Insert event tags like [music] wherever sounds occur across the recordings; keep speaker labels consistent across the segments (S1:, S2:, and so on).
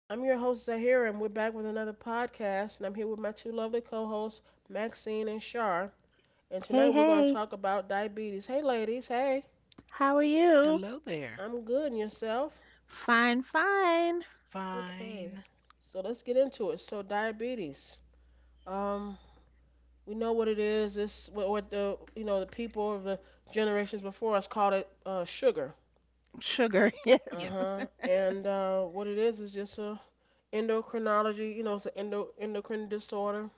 S1: I'm your host, Zahira, and we're back with another podcast. And I'm here with my two lovely co hosts, Maxine and Shar. And tonight
S2: Hey,
S1: we're going to
S2: hey,
S1: talk about diabetes. Hey, ladies. Hey,
S2: how are you?
S3: Hello there.
S1: I'm good. And yourself?
S2: Fine, fine.
S1: Okay.
S3: Fine.
S1: So let's get into it. So, diabetes. Um, we know what it is. It's what the, you know, the people of the generations before us called it sugar.
S2: Sugar, [laughs]
S1: Uh
S2: yes.
S3: Yes.
S1: huh. And what it is just a endocrinology, you know, it's an endo, endocrine disorder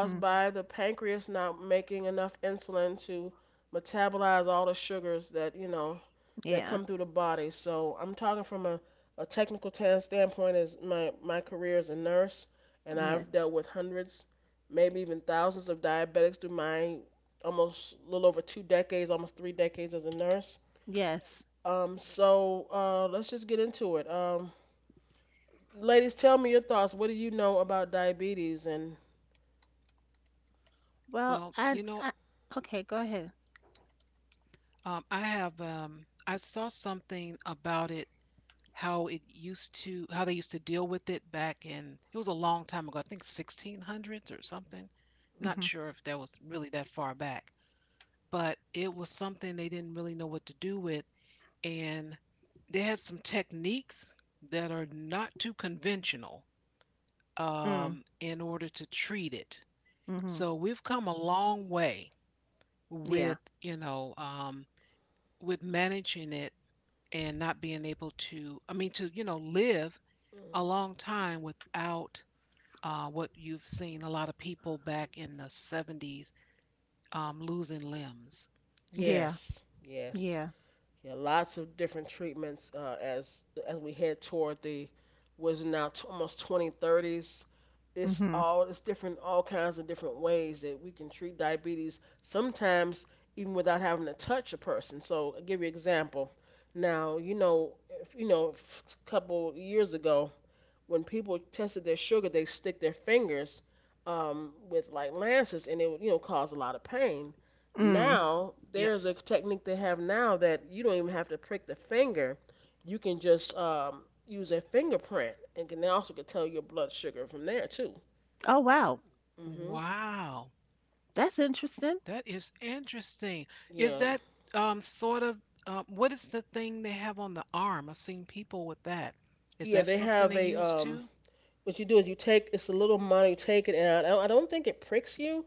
S2: Hmm.
S1: by the pancreas not making enough insulin to metabolize all the sugars that that
S2: Yeah,
S1: come through the body. So I'm talking from a technical standpoint as my career as a nurse, and
S2: yes,
S1: I've dealt with hundreds, maybe even thousands of diabetics through my almost a little over 2 decades, almost 3 decades as a nurse.
S2: yes.
S1: Let's just get into it. Ladies, tell me your thoughts. What do you know about diabetes and?
S2: Well,
S3: Well, you know,
S2: okay, go ahead.
S3: I have I saw something about it, how it used to, how they used to deal with it back in, it was a long time ago, I think 1600s or something. Not
S1: Mhm,
S2: Mm-hmm.
S3: sure if that was really that far back, but it was something they didn't really know what to do with, and they had some techniques that are not too conventional
S2: Mm,
S3: in order to treat it.
S2: mm-hmm.
S3: So we've come a long way
S2: Yeah,
S3: with with managing it and not being able to to live a
S1: mhm.
S3: long time without what you've seen a lot of people back in the 70s losing limbs.
S2: yeah,
S1: Yes, yes.
S2: yeah.
S1: Yeah, lots of different treatments as we head toward the what is now almost 2030s.
S2: Mm-hmm.
S1: It's different, all kinds of different ways that we can treat diabetes. Sometimes even without having to touch a person. So I'll give you an example. Now if, a couple years ago when people tested their sugar, they stick their fingers with like lances, and it would cause a lot of pain.
S2: Mm.
S1: Now there's a
S3: Yes.
S1: technique they have now that you don't even have to prick the finger; you can just use a fingerprint, and can they also can tell your blood sugar from there too.
S2: Oh, wow.
S1: Mhm.
S3: Wow.
S2: That's interesting.
S3: That is interesting. Is
S1: Yeah.
S3: that um sort of what is the thing they have on the arm? I've seen people with that. Is
S1: Yeah.
S3: that
S1: They
S3: something
S1: have
S3: they
S1: a
S3: use too?
S1: What you do is you take it's a little money, you take it out. I don't think it pricks you.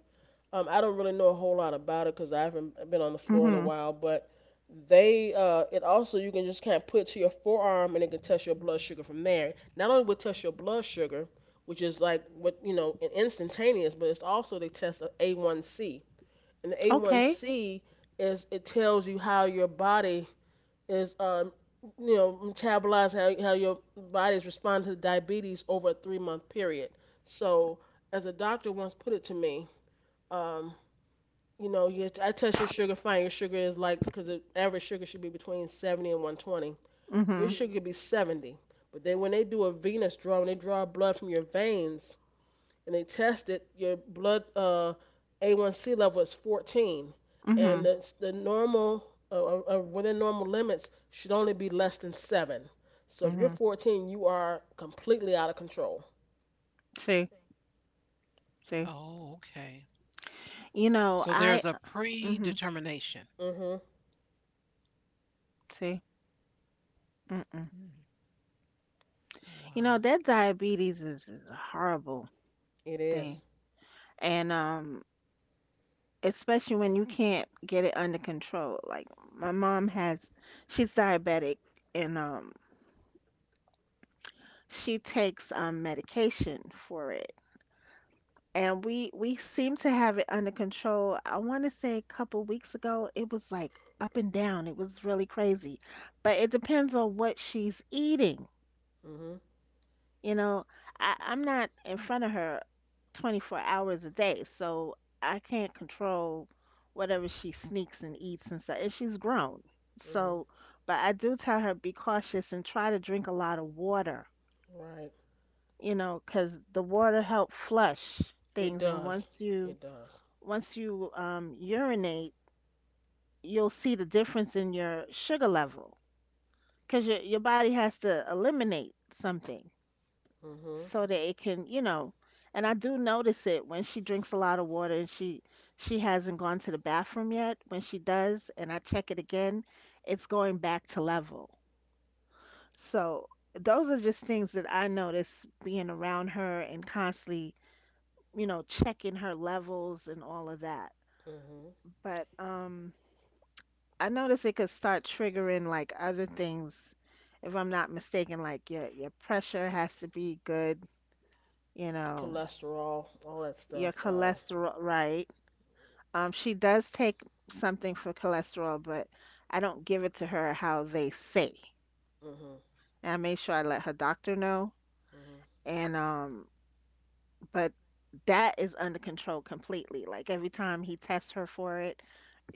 S1: I don't really know a whole lot about it because I haven't been on the floor in a
S2: Mm-hmm.
S1: while, but they it also you can just kind of put it to your forearm and it can test your blood sugar from there. Not only will it test your blood sugar, which is like what, instantaneous, but it's also they test a A1C, and the
S2: Okay.
S1: A1C is it tells you how your body is metabolizing how your body is responding to diabetes over a 3-month period. So as a doctor once put it to me. Um, you know, I test your sugar fine. Your sugar is like because the average sugar should be between 70 and 120. Your
S2: Mm-hmm.
S1: sugar could be 70, but then when they do a venous draw, when they draw blood from your veins and they test it, your blood A1C level is 14,
S2: Mm-hmm.
S1: and the normal within normal limits should only be less than seven. So if you're
S2: Mm-hmm.
S1: 14, you are completely out of control.
S2: See, see.
S3: Oh, okay.
S2: You know,
S3: So
S2: I,
S3: there's a
S2: mm-hmm.
S3: predetermination.
S1: Mhm.
S2: See. Mm-mm.
S3: Mm,
S2: You know,
S3: wow.
S2: that diabetes is a horrible
S1: It is.
S2: thing. And especially when you can't get it under control. Like my mom has, she's diabetic and she takes medication for it. And we seem to have it under control. I want to say a couple weeks ago, it was like up and down. It was really crazy. But it depends on what she's eating.
S1: Mhm.
S2: You know, I'm not in front of her 24 hours a day, so I can't control whatever she sneaks and eats and stuff. And she's grown.
S1: Mhm.
S2: So, but I do tell her be cautious and try to drink a lot of water,
S1: Right.
S2: you know, 'cause the water help flush
S1: It
S2: things. And
S1: does. It does.
S2: once you urinate, you'll see the difference in your sugar level because your body has to eliminate something,
S1: Mhm.
S2: so that it can, and I do notice it when she drinks a lot of water and she hasn't gone to the bathroom yet. When she does and I check it again, it's going back to level. So those are just things that I notice being around her and constantly, you know, checking her levels and all of that.
S1: Hmm.
S2: But I notice it could start triggering like other things if I'm not mistaken, like your pressure has to be good, you know,
S1: Cholesterol, all that stuff.
S2: your cholesterol, right? She does take something for cholesterol, but I don't give it to her how they say.
S1: Hmm,
S2: And I made sure I let her doctor know.
S1: hmm.
S2: And but that is under control completely. Like every time he tests her for it,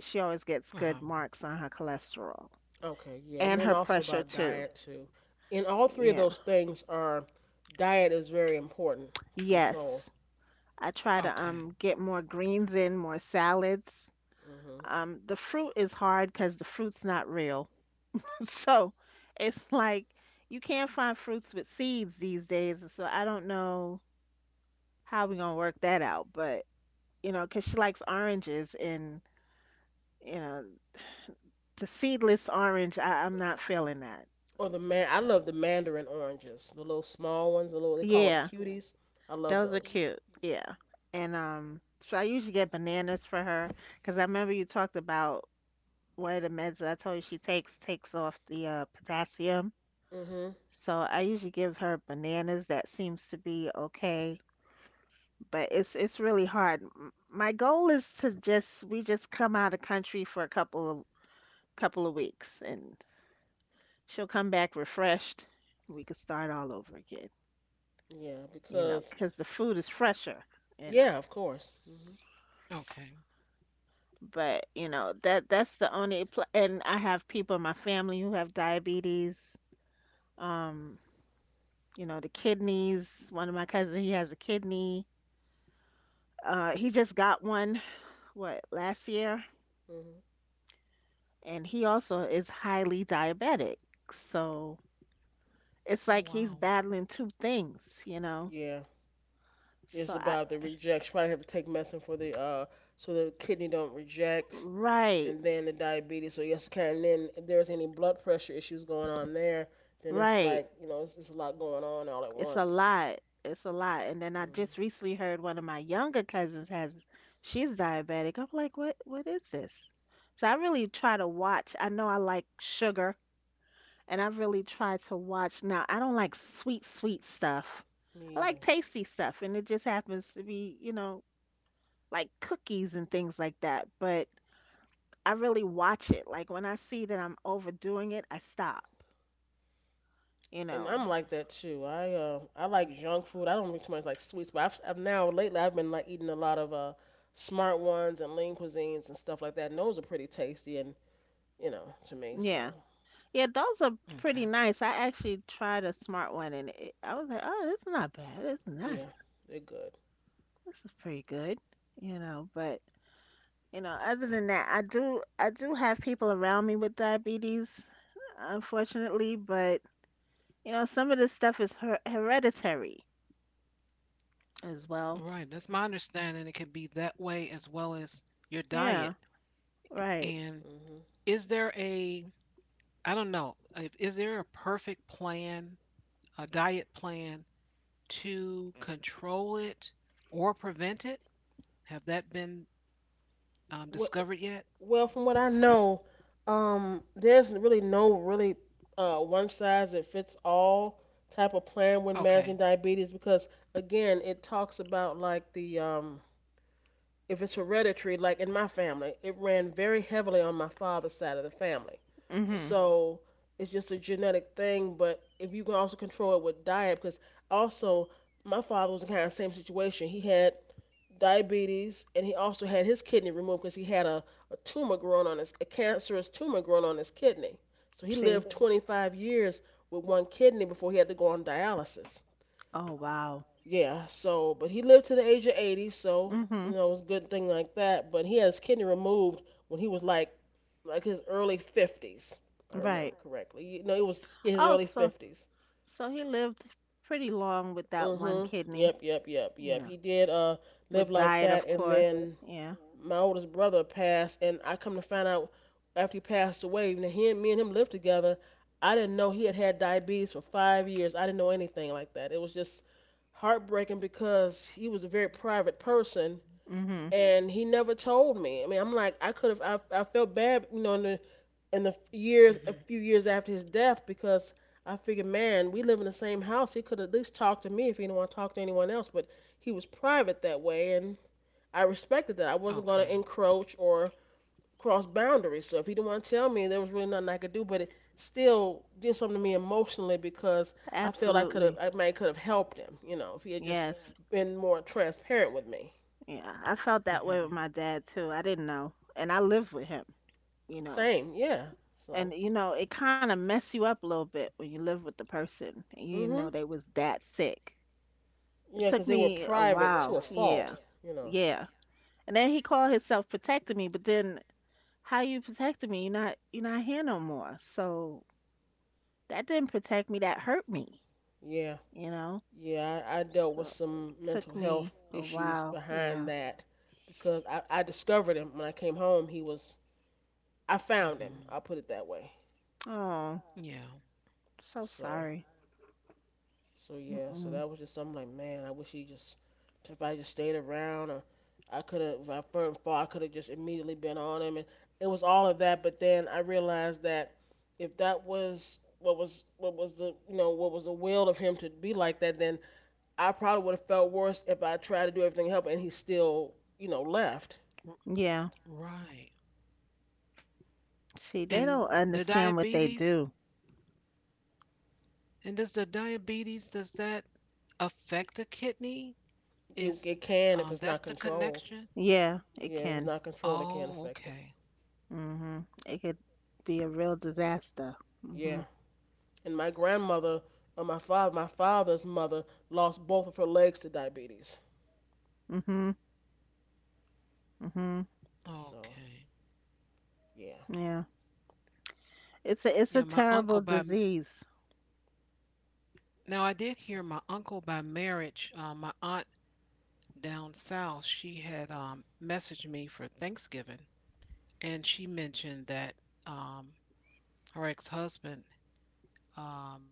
S2: she always gets good
S3: Uh-huh.
S2: marks on her cholesterol
S1: Okay, yeah, and
S2: and
S1: then
S2: her
S1: also
S2: pressure
S1: about
S2: too.
S1: diet too. And all three of
S2: Yeah.
S1: those things are diet is very important to control.
S2: Yes. I try to
S3: Okay.
S2: get more greens in, more salads.
S1: Hmm.
S2: The fruit is hard because the fruit's not real. [laughs] So it's like you can't find fruits with seeds these days. And so I don't know how we're going to work that out. But, you know, because she likes oranges and, you know, the seedless orange, I'm not feeling that.
S1: Or the man, I love the mandarin oranges, the little small ones, the little they call them
S2: Yeah,
S1: cuties. I love
S2: those are
S1: those.
S2: cute. Yeah. And so I usually get bananas for her because I remember you talked about one of the meds that I told you she takes off the potassium.
S1: Hmm.
S2: So I usually give her bananas. That seems to be okay but it's really hard. My goal is to just we just come out of country for a couple of weeks and she'll come back refreshed. We could start all over again,
S1: Yeah,
S2: you know,
S1: because
S2: because the food is fresher, you know.
S1: yeah, of course. Hmm,
S3: Okay.
S2: But, you know, that's the only pl and I have people in my family who have diabetes, um, you know, the kidneys. One of my cousins, he has a kidney. He just got one, what, last year?
S1: hmm.
S2: And he also is highly diabetic. So it's
S3: Oh,
S2: like he's
S3: wow.
S2: battling two things, you know?
S1: Yeah,
S2: So
S1: it's
S2: I,
S1: about the reject. You probably have to take medicine for the so the kidney don't reject.
S2: right,
S1: And then the diabetes. So yes, Karen. And then if there's any blood pressure issues going on there, then it's
S2: right.
S1: like it's a lot going on all at
S2: It's a
S1: once.
S2: lot. It's a lot. And then I
S1: Mm,
S2: just recently heard one of my younger cousins has, she's diabetic. I'm like, what is this? So I really try to watch. I know I like sugar, and I really try to watch. Now, I don't like sweet, sweet stuff. I
S1: me
S2: like
S1: either.
S2: tasty stuff, and it just happens to be, you know, like cookies and things like that, but I really watch it. Like when I see that I'm overdoing it, I stop, you
S1: And
S2: know.
S1: I'm like that too. I like junk food. I don't eat too much like sweets, but I've now lately I've been like eating a lot of smart ones and lean cuisines and stuff like that. And those are pretty tasty and to me.
S2: Yeah.
S1: So
S2: Yeah, those are pretty
S3: Okay.
S2: nice. I actually tried a smart one and I was like, "Oh, this is not bad. It's
S1: yeah,
S2: nice.
S1: they're good.
S2: This is pretty good." You know, but you know, other than that, I do have people around me with diabetes, unfortunately, but you know, some of this stuff is her hereditary as well.
S1: Okay.
S3: Right. That's my understanding. It can be that way as well as your
S2: Yeah,
S3: diet.
S2: right.
S3: And
S1: Mhm.
S3: is there a, I don't know, if, is there a perfect plan, a diet plan to control it or prevent it? Have that been
S1: What
S3: discovered yet?
S1: Well, from what I know, there's really no really one size that fits all type of plan when
S3: Okay.
S1: managing diabetes because again, it talks about like the if it's hereditary, like in my family, it ran very heavily on my father's side of the family.
S2: Mhm.
S1: So it's just a genetic thing, but if you can also control it with diet, because also my father was in kind of the same situation. He had diabetes, and he also had his kidney removed because he had a tumor growing on his a cancerous tumor growing on his kidney. So he
S2: See.
S1: lived 25 years with one kidney before he had to go on dialysis.
S2: Oh, wow.
S1: Yeah, so but he lived to the age of 80, so you
S2: Hmm.
S1: know it was a good thing like that. But he had his kidney removed when he was like his early 50s, if I remember
S2: Right.
S1: correctly. You know, it was yeah his
S2: Oh,
S1: early
S2: so
S1: 50s.
S2: so he lived pretty long with that
S1: Mm.
S2: one
S1: Mhm.
S2: kidney.
S1: Yep, yep, yep, yep.
S2: Yeah.
S1: He did live
S2: With
S1: like
S2: diet,
S1: that,
S2: of
S1: and
S2: course.
S1: then
S2: Yeah.
S1: my oldest brother passed, and I come to find out after he passed away, now he and me and him lived together. I didn't know he had had diabetes for 5 years. I didn't know anything like that. It was just heartbreaking because he was a very private person, mm-hmm,
S2: Hmm.
S1: and he never told me. I mean, I'm like, I could have, I felt bad, you know, in the years, a
S3: Hmm.
S1: few years after his death, because I figured, man, we live in the same house. He could at least talk to me if he didn't want to talk to anyone else, but he was private that way, and I respected that. I wasn't going to
S3: Okay.
S1: encroach or cross boundaries. So if he didn't want to tell me, there was really nothing I could do. But it still did something to me emotionally because
S2: Absolutely.
S1: I might could have helped him. You know, if he had just
S2: Yes.
S1: been more transparent with me.
S2: Yeah. I felt that way with
S3: Hmm.
S2: my dad too. I didn't know. And I lived with him, you know.
S1: Same, yeah. So,
S2: And you know, it kind of mess you up a little bit when you live with the person and you didn't know
S1: mhm,
S2: they was that sick. It
S1: yeah,
S2: took
S1: because they were
S2: me a
S1: private to
S2: while.
S1: a fault.
S2: Yeah.
S1: Yeah. You know,
S2: Yeah. And then he called himself protecting me, but then how you protected me? You're not here no more." So that didn't protect me. That hurt me.
S1: yeah,
S2: You know.
S1: yeah. I dealt with
S2: So it
S1: some mental
S2: took
S1: health
S2: me a
S1: issues
S2: while.
S1: behind
S2: Yeah.
S1: that because I discovered him when I came home. I found him.
S3: Mhm.
S1: I'll put it that way.
S2: Oh,
S3: Yeah.
S2: so
S1: So.
S2: sorry.
S1: So yeah, so
S2: Mm-mm.
S1: that was just something like, man, I wish he just if I just stayed around or I could have if I first fought, I could have just immediately been on him and it was all of that, but then I realized that if that was what was the will of him to be like that, then I probably would have felt worse if I tried to do everything to help and he still you know left.
S3: R-
S2: Yeah.
S3: right.
S2: See, they
S3: And
S2: don't
S1: So
S3: the
S2: understand what they
S3: diabetes,
S2: do.
S3: and does the diabetes, does that affect the kidney? Is
S1: it can if it's
S3: that's
S1: not
S3: the
S1: controlled.
S3: connection?
S2: Yeah, it
S1: Yeah, if it's
S2: can.
S1: not controlled, it can
S3: Oh,
S1: affect it.
S3: okay.
S2: Mhm. It could be a real disaster.
S1: Yeah.
S2: Mhm.
S1: And my grandmother, or my father's mother lost both of her legs to diabetes.
S2: Mhm. Mhm.
S1: So
S3: Okay.
S1: yeah,
S2: Yeah. It's a it's
S3: Yeah,
S2: a
S3: my
S2: terrible
S3: uncle by m-
S2: disease.
S3: Now I did hear my uncle by marriage, my aunt down south, she had messaged me for Thanksgiving and she mentioned that um her ex-husband um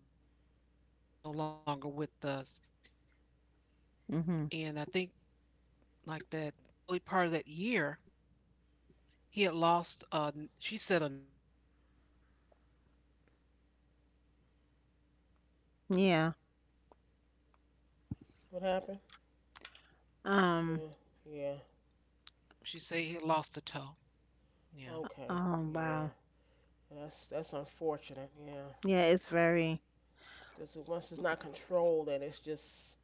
S3: is no longer with us, and I think like
S2: Mhm.
S3: that early part of that year, he had lost. She said another toe.
S2: Yeah.
S1: what happened?
S2: Um.
S1: Yeah, yeah,
S3: She said he had lost a toe. Yeah,
S1: okay,
S2: Oh
S1: yeah.
S2: wow.
S1: That's unfortunate. Yeah,
S2: Yeah. It's very.
S1: because once it's not controlled, and it's just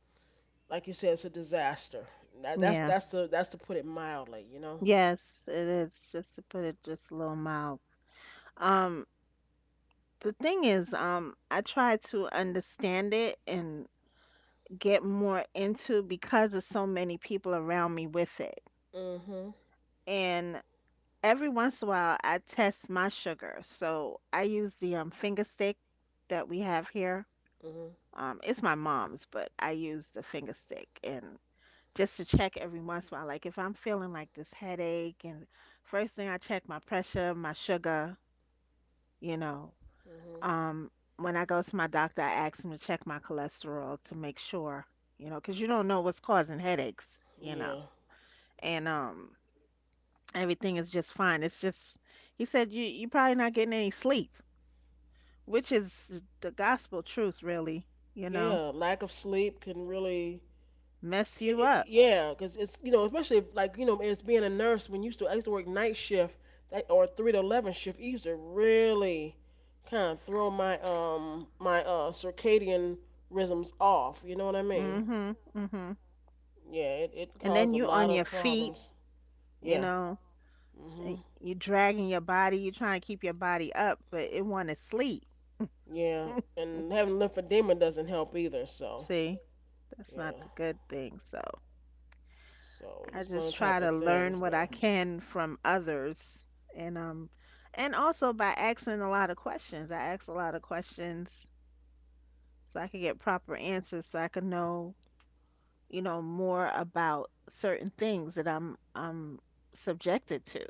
S1: like you said, it's a disaster.
S2: Yeah.
S1: That's to put it mildly, you know.
S2: Yes, it is. Just to put it just a little mild. Um, the thing is, I try to understand it and get more into because of so many people around me with it.
S1: Mhm.
S2: And every once in a while, I test my sugar. So I use the finger stick that we have here.
S1: Mhm.
S2: It's my mom's, but I use the finger stick and just to check every once in a while. Like if I'm feeling like this headache, and first thing I check my pressure, my sugar, you know.
S1: Mhm.
S2: Um, when I go to my doctor, I ask him to check my cholesterol to make sure, you know, because you don't know what's causing headaches, you know.
S1: Yeah.
S2: And everything is just fine. It's just, he said, you probably not getting any sleep, which is the gospel truth, really, you know,
S1: Yeah. Lack of sleep can really
S2: mess you up.
S1: yeah, because it's especially if, like as being a nurse when you used to I used to work night shift that, or 3 to 11 shift it used to really kind of throw my my circadian rhythms off. You know what I mean?
S2: Mm-hmm, mm-hmm.
S1: Yeah, it
S2: And
S1: caused
S2: then
S1: a
S2: you on
S1: lot
S2: your
S1: of
S2: feet,
S1: problems.
S2: you
S1: Yeah.
S2: know, and
S1: Mhm.
S2: you dragging your body, you trying to keep your body up, but it want to sleep.
S1: Yeah,
S2: [laughs]
S1: and having lymphedema doesn't help either. So
S2: See, that's not
S1: yeah,
S2: the good thing. So.
S1: so
S2: I
S1: just one
S2: just
S1: of them
S2: try
S1: type of
S2: to learn
S1: things
S2: what I
S1: where
S2: can from others and um and also by asking a lot of questions. I ask a lot of questions so I can get proper answers so I can know, you know, more about certain things that I'm subjected to.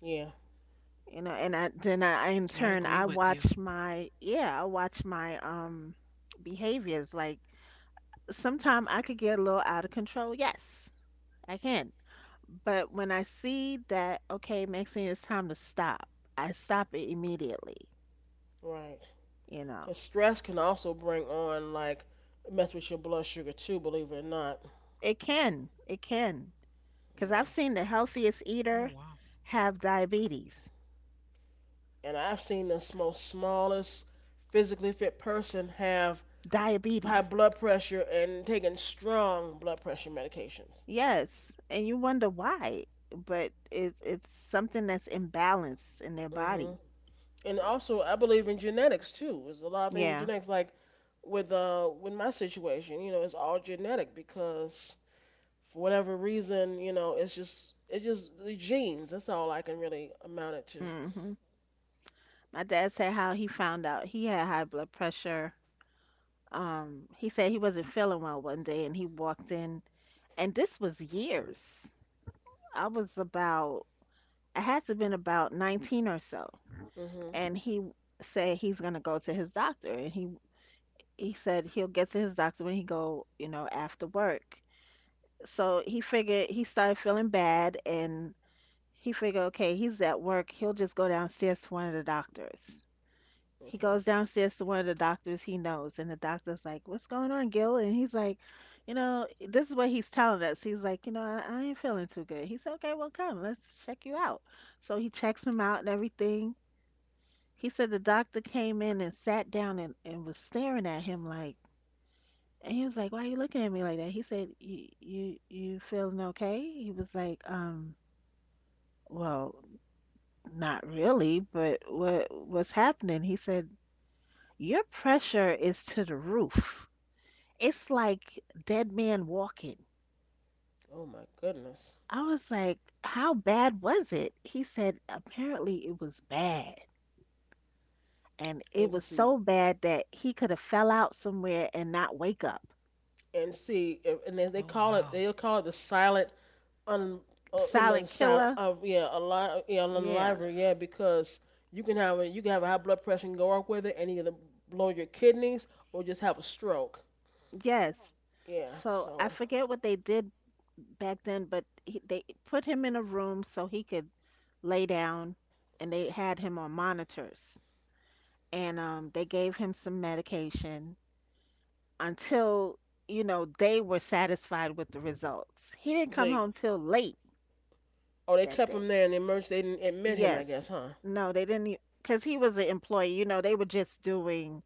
S1: yeah,
S2: You know, and I
S3: I
S2: then
S3: agree
S2: I in
S3: with you.
S2: turn I watch my behaviors like sometimes I could get a little out of control. Yes, I can. But when I see that, okay, Maxine, it's time to stop, I stop it immediately.
S1: right.
S2: You know,
S1: Because stress can also bring on, like, mess with your blood sugar too, believe it or not.
S2: it can, because I've
S1: Yeah.
S2: seen the healthiest
S3: Oh
S2: eater
S3: wow.
S2: have diabetes.
S1: And I've seen the most smallest physically fit person have high
S2: Diabetes.
S1: blood pressure and taking strong blood pressure medications.
S2: Yes, and you wonder why, but it's something that's imbalanced in their
S1: Hmm.
S2: body.
S1: And also, I believe in genetics too. There's a lot of things with
S2: Yeah.
S1: genetics, like with my situation, you know, it's all genetic because for whatever reason, you know, it's just the genes. That's all I can really amount it to.
S2: Hmm. My dad said how he found out he had high blood pressure. He said he wasn't feeling well one day and he walked in, and this was years. I was about, I had to have been about 19 or so.
S1: Hmm.
S2: And he said he's going to go to his doctor. And he said he'll get to his doctor when he go, you know, after work. So he figured he started feeling bad and he figured, okay, he's at work. He'll just go downstairs to one of the doctors. He
S1: Okay.
S2: goes downstairs to one of the doctors he knows, and the doctor's like, "What's going on, Gil?" And he's like, "You know, this is what he's telling us." He's like, "You know, I ain't feeling too good." He said, "Okay, well, come, let's check you out." So he checks him out and everything. He said the doctor came in and sat down and was staring at him like, and he was like, "Why are you looking at me like that?" He said, "You feeling okay?" He was like, "Well, not really, but what's happening?" He said, "Your pressure is to the roof." It's like Dead Man Walking.
S1: Oh my goodness.
S2: I was like, how bad was it? He said, apparently it was bad. And
S1: And
S2: it
S1: you can
S2: was
S1: see
S2: so bad that he could have fell out somewhere and not wake up.
S1: and see if- and then
S3: Oh wow.
S1: they'll call it the silent un in the
S2: Silent
S1: silent
S2: Killer.
S1: of yeah alive yeah
S2: Yeah.
S1: unliver yeah because you can have a high blood pressure and go up with it and either blow your kidneys or just have a stroke.
S2: Yes.
S1: Yeah.
S2: So I
S1: So
S2: forget what they did back then, but they put him in a room so he could lay down and they had him on monitors. And they gave him some medication until, you know, they were satisfied with the results. He didn't come
S1: they
S2: home till late
S1: oh, they
S2: that
S1: kept him
S2: day.
S1: there in the emergency they didn't admit him I
S2: Yes.
S1: guess huh.
S2: No, they didn't, because he was an employee. You know, they were just doing,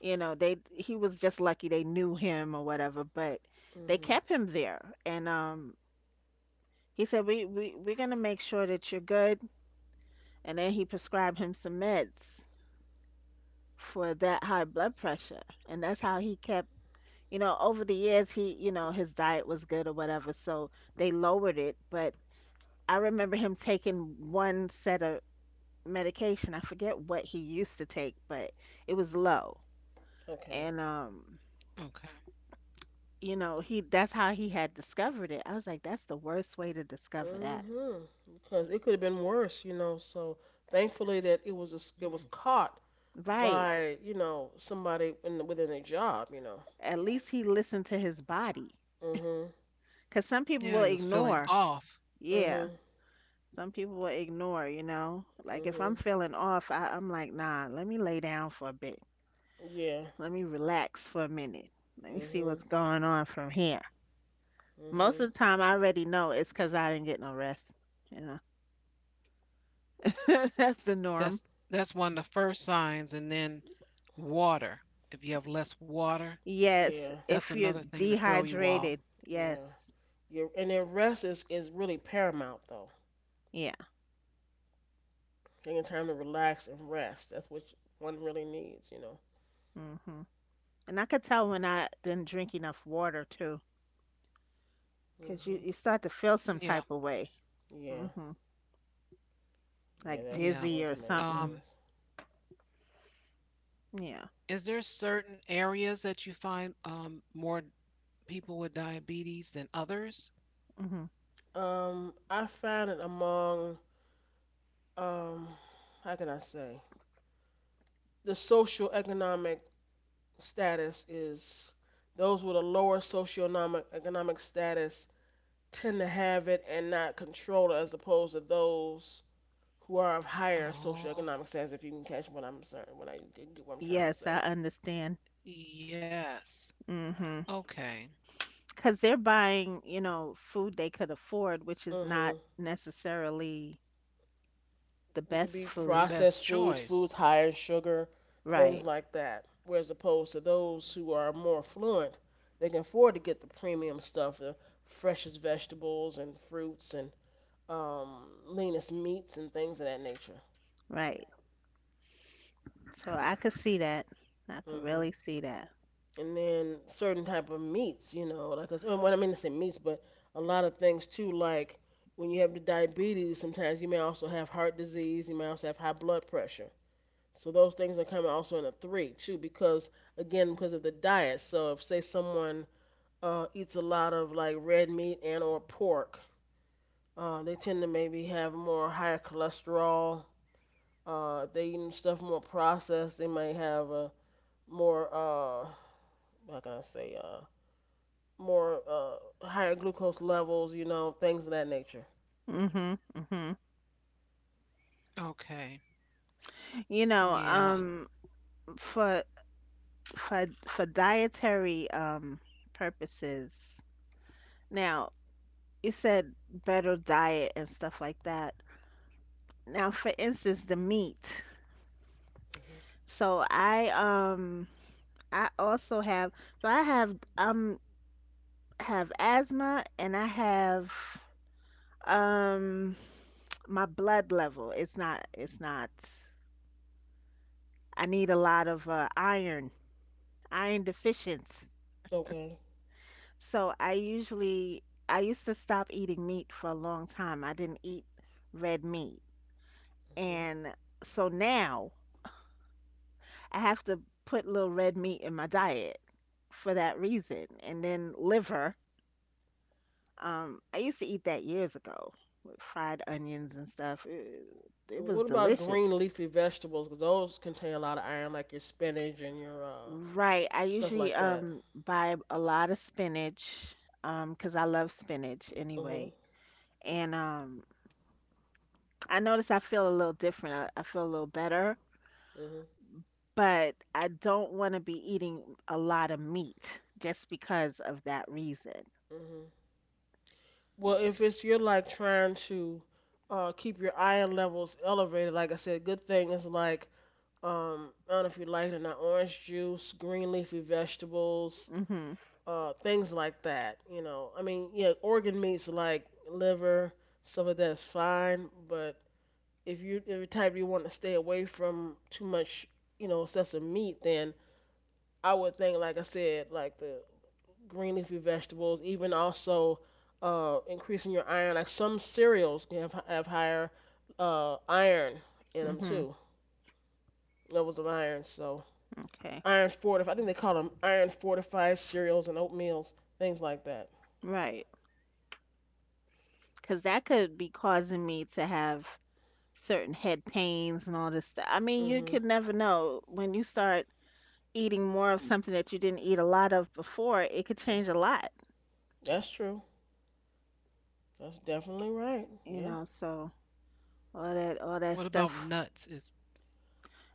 S2: you know, they he was just lucky they knew him or whatever, but they
S1: Mhm.
S2: kept him there. And he said, "We're gonna make sure that you're good." And then he prescribed him some meds for that high blood pressure, and that's how he kept, over the years he, his diet was good or whatever, so they lowered it. But I remember him taking one set of medication. I forget what he used to take, but it was low.
S1: Okay.
S2: And
S3: Okay.
S2: you know, he that's how he had discovered it. I was like, that's the worst way to discover that.
S1: Hmm. Because it could have been worse, you know. So thankfully that it was just, it
S3: Mm.
S1: was caught
S2: Right.
S1: by somebody in, within their job, you know.
S2: At least he listened to his body,
S1: Mhm.
S2: because some people
S3: Yeah,
S2: will
S3: he was feeling
S2: ignore.
S3: off.
S2: Yeah.
S1: Mhm.
S2: Some people will ignore, you know. Like if I'm
S1: Mhm.
S2: feeling off, I'm like, nah, let me lay down for a bit.
S1: Yeah.
S2: Let me relax for a minute. Let me see
S1: Mhm.
S2: what's going on from here. Most
S1: Mhm.
S2: of the time, I already know it's because I didn't get no rest. You know, [laughs] that's the norm.
S3: That's that's one of the first signs, and then water. If you have less water,
S2: Yes,
S1: Yeah.
S3: that's
S2: if you're
S3: another thing to throw you off.
S2: dehydrated,
S1: Yeah.
S2: yes,
S1: Yeah. And then rest is really paramount though.
S2: yeah.
S1: Taking time to relax and rest. That's what one really needs, you know.
S2: Hmm. And I could tell when I didn't drink enough water too, because you
S1: Mhm.
S2: you start to feel some
S3: Yeah,
S2: type of way,
S1: Yeah.
S2: hmm,
S1: Yeah.
S2: like
S1: That's
S3: yeah.
S1: one
S2: dizzy
S1: of the
S2: or
S1: main
S2: something.
S3: Um,
S1: things.
S2: Yeah.
S3: is there certain areas that you find more people with diabetes than others?
S2: Hmm.
S1: I found it among um how can I say the social economic status is, those with a lower socioeconomic economic status tend to have it and not control it as opposed to those who are of higher
S3: Oh,
S1: socioeconomic status, if you can catch what I'm saying, what I get what I'm trying to
S2: Yes,
S1: say.
S2: I understand.
S3: yes.
S2: Hmm,
S3: Okay.
S2: because they're buying, you know, food they could afford, which is
S1: Hmm
S2: not necessarily the
S1: what could be
S2: best
S3: The
S2: food.
S1: processed
S3: best
S1: foods,
S3: choice.
S1: foods higher in sugar, things
S2: Right,
S1: like that. Whereas opposed to those who are more affluent, they can afford to get the premium stuff, the freshest vegetables and fruits and leanest meats and things of that nature.
S2: right. So I could see that. I could
S1: Hmm
S2: really see that.
S1: And then certain type of meats, you know, like well, I mean to say meats, but a lot of things too, like when you have the diabetes, sometimes you may also have heart disease, you may also have high blood pressure. So those things are coming also in a three too, because again, because of the diet. So if say someone eats a lot of like red meat and or pork, they tend to maybe have more higher cholesterol. If they eating stuff more processed, they might have a more how can I say more higher glucose levels. You know, things of that nature.
S2: Mhm, mhm.
S3: Okay.
S2: You know,
S3: Yeah.
S2: for for dietary purposes. Now, you said better diet and stuff like that. Now, for instance, the meat.
S1: Hmm
S2: So I um I also have, so I have I'm have asthma and I have, um my blood level. It's not I need a lot of iron, iron deficiency.
S1: Okay.
S2: So I usually, I used to stop eating meat for a long time. I didn't eat red meat.
S1: hmm
S2: And so now I have to put little red meat in my diet for that reason. And then liver. I used to eat that years ago with fried onions and stuff. It was
S1: What about green
S2: delicious.
S1: leafy vegetables? Because those contain a lot of iron, like your spinach and your
S2: Right. I
S1: stuff
S2: usually
S1: like that.
S2: buy a lot of spinach because I love spinach
S1: Mhm.
S2: anyway. And I notice I feel a little different. I feel a little better,
S1: Mhm.
S2: but I don't want to be eating a lot of meat just because of that reason.
S1: Mhm. Well, if it's you're like trying to keep your iron levels elevated, like I said, good thing is like, I don't know if you like it or not, orange juice, green leafy vegetables,
S2: Mhm.
S1: things like that. You know, I mean, yeah, organ meats like liver, stuff like that is fine, but if you're the type you want to stay away from too much, you know, excessive meat, then I would think, like I said, like the green leafy vegetables, even also increasing your iron. Like some cereals can have higher iron in them
S2: Mhm.
S1: too, levels of iron. So
S2: Okay.
S1: iron fortified, I think they call them iron fortified cereals and oatmeals, things like that.
S2: Right, because that could be causing me to have certain head pains and all this stuff. I mean, you
S1: Hmm
S2: could never know. When you start eating more of something that you didn't eat a lot of before, it could change a lot,
S1: That's true. That's definitely right.
S2: you
S1: Yeah.
S2: know.
S3: What
S2: So
S3: about nuts? Is
S2: all that, all that stuff.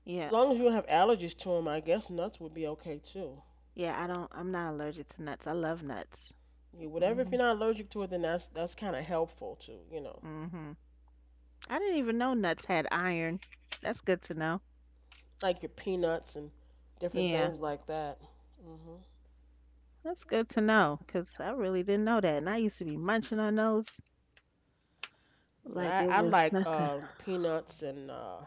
S2: Yeah.
S1: As long as you don't have allergies to them, I guess nuts would be okay too.
S2: Yeah, I'm not allergic to nuts. I love nuts.
S1: You whatever. If
S2: Mhm.
S1: you're not allergic to it, then that's kind of helpful too. You know,
S2: Mhm. I didn't even know nuts had iron. That's good to know.
S1: like your peanuts and different
S2: Yeah.
S1: things like that. Hmm
S2: That's good to know 'cause I really didn't know that. And I used to be munching on those like
S1: Yeah,
S2: it
S1: I
S2: was
S1: like
S2: nothing.
S1: peanuts and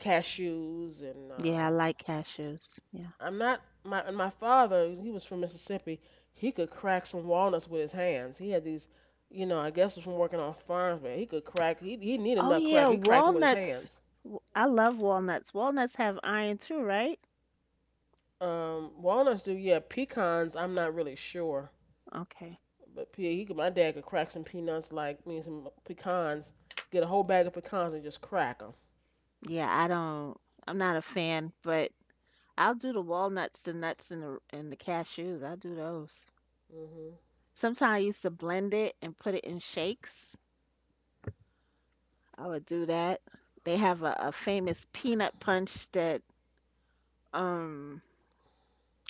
S1: cashews and
S2: Yeah, I like cashews. Yeah.
S1: I'm not my and my father. He was from Mississippi. He could crack some walnuts with his hands. He had these, you know, I guess it was from working on farms, but he could crack. He needed a
S2: Oh
S1: nut crack.
S2: yeah,
S1: He cracked them with his
S2: walnuts.
S1: hands.
S2: I love walnuts. Walnuts have iron too, right?
S1: Walnuts do, yeah. Pecans, I'm not really sure.
S2: Okay.
S1: But P he could, my dad could crack some peanuts like me some pecans, get a whole bag of pecans and just crack 'em.
S2: Yeah, I'm not a fan, but I'll do the walnuts, the nuts, and the cashews. I'll do those.
S1: Mhm.
S2: Sometimes I used to blend it and put it in shakes. I would do that. They have a famous peanut punch that um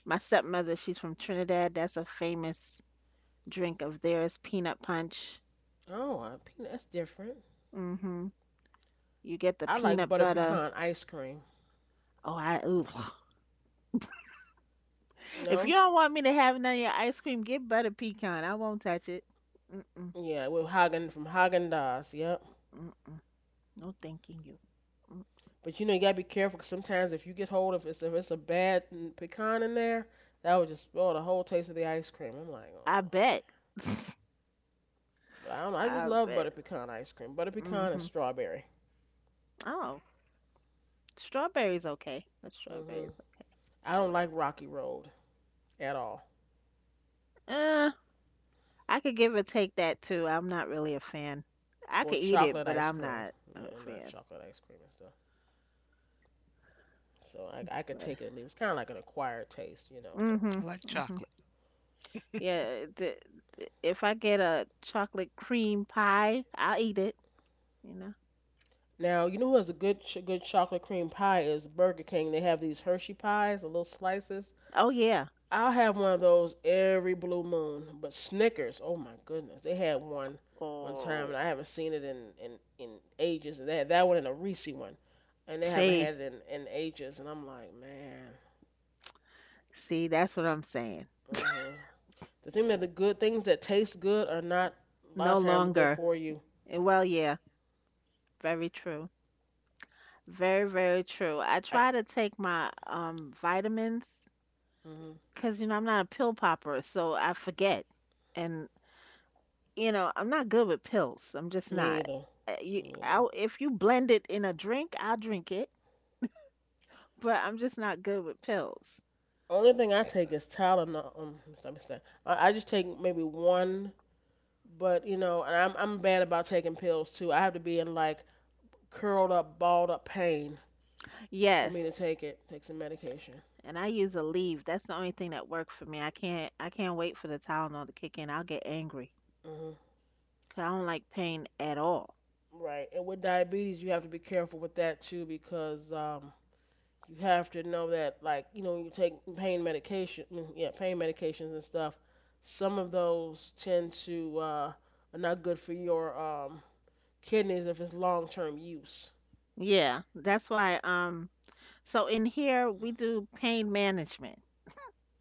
S2: my stepmother, she's from Trinidad. That's a famous drink of theirs, peanut punch.
S1: Oh, I, peanut that's different.
S2: Mm hmm You get the
S1: I like
S2: peanut
S1: butter
S2: butter.
S1: pecan ice cream.
S2: Oh, I ooh. [laughs] [sighs] If you
S1: No.
S2: don't want me to have none of your ice cream, get butter pecan. I won't touch it. Mm-mm,
S1: Yeah, with Hagen from Hagen Dazs. Yep.
S2: mm-mm. No thanking you. Mm,
S1: But you know you gotta be careful 'cause sometimes if you get hold of it's if it's a bad pecan in there, that would just spoil the whole taste of the ice cream. I'm like,
S2: I
S1: oh.
S2: bet.
S1: But I don't. I just
S2: I
S1: love butter
S2: bet.
S1: pecan ice cream. Butter pecan and
S2: Mm-hmm.
S1: strawberry.
S2: Oh, strawberries okay. The strawberries
S1: Mhm.
S2: okay.
S1: I don't like Rocky Road at all.
S2: Uh, I could give or take that too. I'm not really a fan. I
S1: Or
S2: could eat it,
S1: chocolate
S2: but
S1: ice
S2: I'm
S1: cream.
S2: not a
S1: Yeah, I'm not
S2: fan.
S1: chocolate ice cream and stuff. So I could
S2: But
S1: take it and leave. It's kind of like an acquired
S3: I
S1: taste, you
S3: like
S1: know. But
S3: chocolate.
S2: mm-hmm. Mm-hmm. Yeah, if I get a chocolate cream pie, I'll eat it, you know.
S1: now you know who has a good chocolate cream pie is Burger King. They have these Hershey pies, the little slices.
S2: Oh yeah.
S1: I'll have one of those every blue moon. But Snickers, oh my goodness, they had one one time and
S2: Oh.
S1: I haven't seen it in ages. They had that one and a Reese one, and they haven't
S2: See,
S1: had it in ages. And I'm like, man,
S2: see, that's what I'm saying.
S1: uh huh. The thing that the good things that taste good are not a lot
S2: No
S1: of times good
S2: longer.
S1: for you.
S2: Well, yeah, very true. Very, very true. I
S1: I
S2: try to take my
S3: Just
S2: vitamins
S1: mm
S2: because you know I'm not a pill popper, so I forget. And you know, I'm not good with pills. I'm just
S1: me
S2: not.
S1: either.
S2: You,
S1: Me either.
S2: I'll, if you blend it in a drink, I'll drink it, but I'm just not good with pills.
S1: Only thing I take is Tylenol. No, stop, stop. I just take maybe one, but you know, and I'm bad about taking pills too. I have to be in like curled up, balled up pain for me to
S2: Yes.
S1: take it. Take some medication.
S2: And I use a leave. That's the only thing that worked for me. I can't wait for the Tylenol to kick in. I'll get angry
S1: Hmm
S2: 'cause I don't like pain at all.
S1: Right. And with diabetes, you have to be careful with that too because you have to know that like you know when you take pain medication yeah pain medications and stuff, some of those tend to are not good for your kidneys if it's long term use.
S2: Yeah, that's why so in here we do pain management.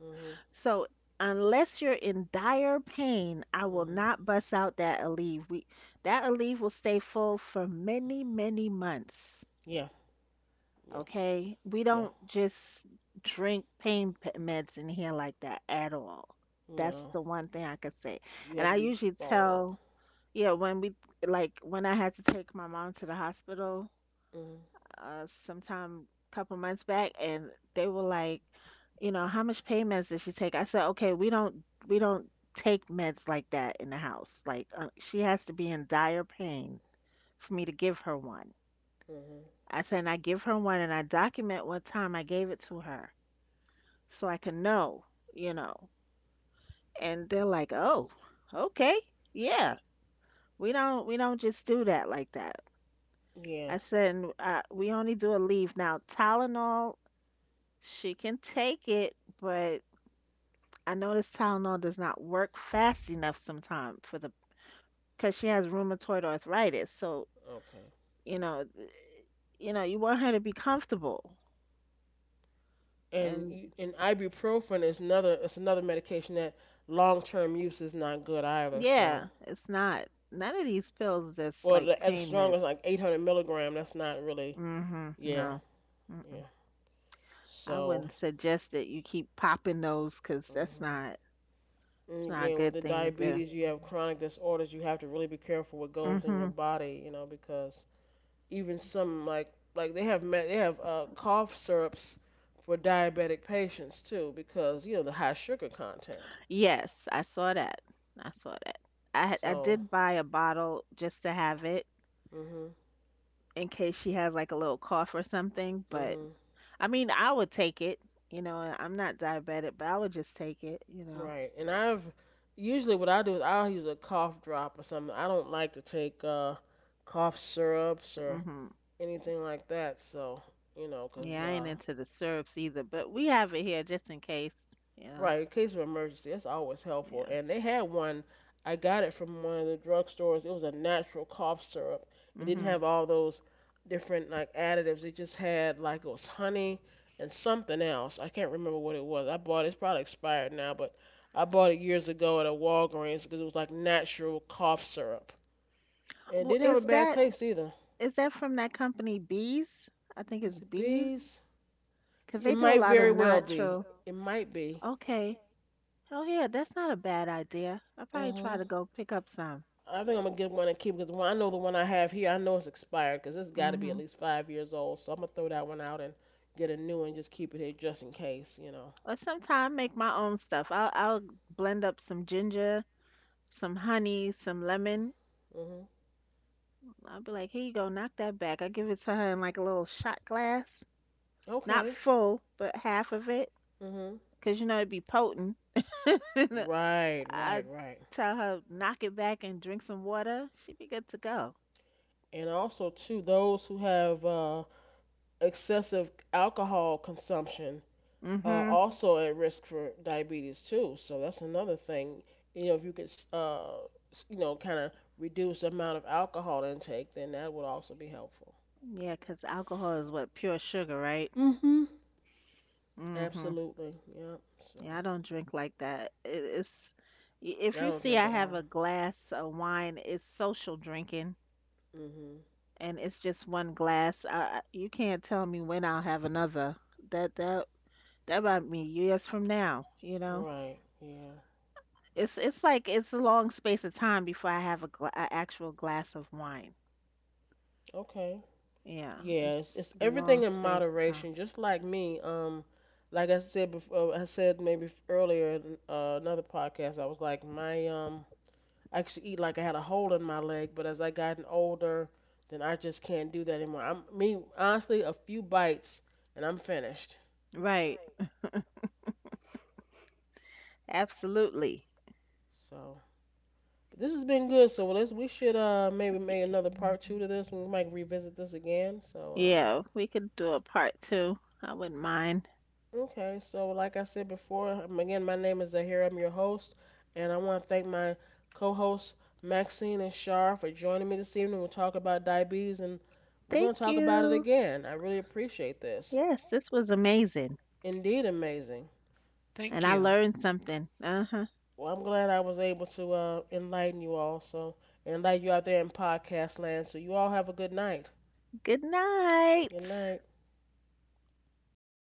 S1: Mhm.
S2: So unless you're in dire pain, I will
S1: Mhm.
S2: not bust out that Aleve. We that Aleve will stay full for many, many months.
S1: Yeah. Yeah.
S2: Okay? We
S1: Yeah.
S2: don't just drink meds in here like that at all. That's
S1: No,
S2: the one thing I could say.
S1: you
S2: And
S1: had to
S2: I
S1: be
S2: usually
S1: balled up.
S2: tell, yeah, when we, like when I had to take my mom to the hospital,
S1: Mhm.
S2: uh, sometime couple months back, and they were like, you know, how much pain meds does she take? I said, okay, we don't take meds like that in the house. Like she has to be in dire pain for me to give her one.
S1: Mhm.
S2: I said, and I give her one and I document what time I gave it to her so I can know, you know. And they're like, oh, okay, yeah, we don't just do that like that.
S1: Yeah.
S2: I said, and, we only do a leave now. Tylenol she can take it, but I know this Tylenol does not work fast enough sometimes for the, because she has rheumatoid arthritis. So,
S1: Okay.
S2: you know, you know, you want her to be comfortable.
S1: And
S2: And
S1: you, and ibuprofen is another, it's another medication that long term use is not good either. So
S2: yeah, it's not, none of these pills that's
S1: well
S2: like
S1: the, as
S2: pain
S1: strong
S2: meds.
S1: as like 800 milligram, that's not really.
S2: Mm-hmm.
S1: Yeah.
S2: No.
S1: Yeah.
S2: Mm-mm. I
S1: So,
S2: wouldn't suggest that you keep popping those because that's
S1: mhm.
S2: not,
S1: And
S2: it's not a
S1: again, with
S2: good
S1: the
S2: thing to do.
S1: diabetes, you have chronic disorders. You have to really be careful what goes in
S2: Mm-hmm.
S1: your body, you know, because even some like they have cough syrups for diabetic patients too, because you know the high sugar content.
S2: Yes, I saw that. I saw that. I
S1: So,
S2: did buy a bottle just to have it,
S1: mhm,
S2: in case she has like a little cough or something. But
S1: mhm,
S2: I mean, I would take it. You know, and I'm not diabetic, but I would just take it. You know.
S1: right. And I've usually what I do is I'll use a cough drop or something. I don't like to take cough syrups or
S2: Mhm.
S1: anything like that. So, you know, 'cause
S2: Yeah, I ain't into the syrups either, but we have it here just in case. You know.
S1: right, in case of emergency, that's always helpful.
S2: Yeah.
S1: And they had one. I got it from one of the drugstores. It was a natural cough syrup. It didn't
S2: Mhm.
S1: have all those different like additives. It just had like it was honey and something else. I can't remember what it was. I bought it. It's probably expired now, but I bought it years ago at a Walgreens because it was like natural cough syrup. And it
S2: Well,
S1: didn't have a bad taste either.
S2: is that from that company Bees? I think it's
S1: Is it
S2: Bees, 'cause
S1: bees?
S2: they
S1: It
S2: do a
S1: might
S2: lot of
S1: very well be.
S2: natural.
S1: It might be.
S2: Okay. Oh yeah, that's not a bad idea. I'll probably try
S1: Mhm.
S2: to go pick up some.
S1: I think I'm gonna get one and keep because I know the one I have here. I know it's expired because it's got to be at
S2: Mhm.
S1: least 5 years old. So I'm gonna throw that one out and get a new one. Just keep it here just in case, you know.
S2: Or sometime make my own stuff. I'll blend up some ginger, some honey, some lemon.
S1: Mhm.
S2: I'll be like, here you go, knock that back. I give it to her in like a little shot glass, not
S1: Okay.
S2: full, but half of it,
S1: Mhm.
S2: 'cause you know it'd be potent. [laughs]
S1: Right.
S2: I
S1: Right. Right.
S2: tell her knock it back and drink some water. She'd be good to go.
S1: And also too, those who have excessive alcohol consumption
S2: Mhm.
S1: also at risk for diabetes too. So that's another thing. You know, if you could, you know, kind of reduce the amount of alcohol intake, then that would also be helpful.
S2: Yeah, 'cause alcohol is what, pure sugar, right?
S1: Hmm
S2: Mhm.
S1: Absolutely. Yep. So
S2: Yeah, I don't drink like that. It's
S1: I
S2: if you
S1: don't
S2: see
S1: drink
S2: I
S1: at
S2: have a
S1: all.
S2: glass of wine, it's social drinking.
S1: Mhm.
S2: And it's just one glass. You can't tell me when I'll have another. That that that might be years from now. You know,
S1: Right. Yeah.
S2: it's like it's a long space of time before I have a actual glass of wine.
S1: Okay.
S2: Yeah,
S1: Yeah.
S2: it's
S1: It's
S2: a
S1: everything
S2: long
S1: in
S2: space of time.
S1: moderation. Just like me. Like I said before, I said maybe earlier in another podcast. I was like my I actually eat like I had a hole in my leg, but as I gotten older, then I just can't do that anymore. I'm me honestly a few bites and I'm finished.
S2: Right. Absolutely.
S1: So but this has been good, so let's we should maybe make another part two to this. We might revisit this again. So
S2: Yeah, we could do a part two. I wouldn't mind.
S1: okay, so like I said before, again my name is Zahir. I'm your host, and I want to thank my co-hosts Maxine and Shar for joining me this evening. We'll talk about diabetes, and we're gonna
S2: Thank
S1: talk about it
S2: you.
S1: again. I really appreciate this.
S2: Yes, this was amazing,
S1: Indeed,
S3: thank
S1: amazing.
S3: you.
S2: and I learned something. Uh huh.
S1: Well, I'm glad I was able to enlighten you all, so and enlighten you out there in podcast land. So you all have a good night.
S2: Good
S1: Good
S2: night.
S1: night.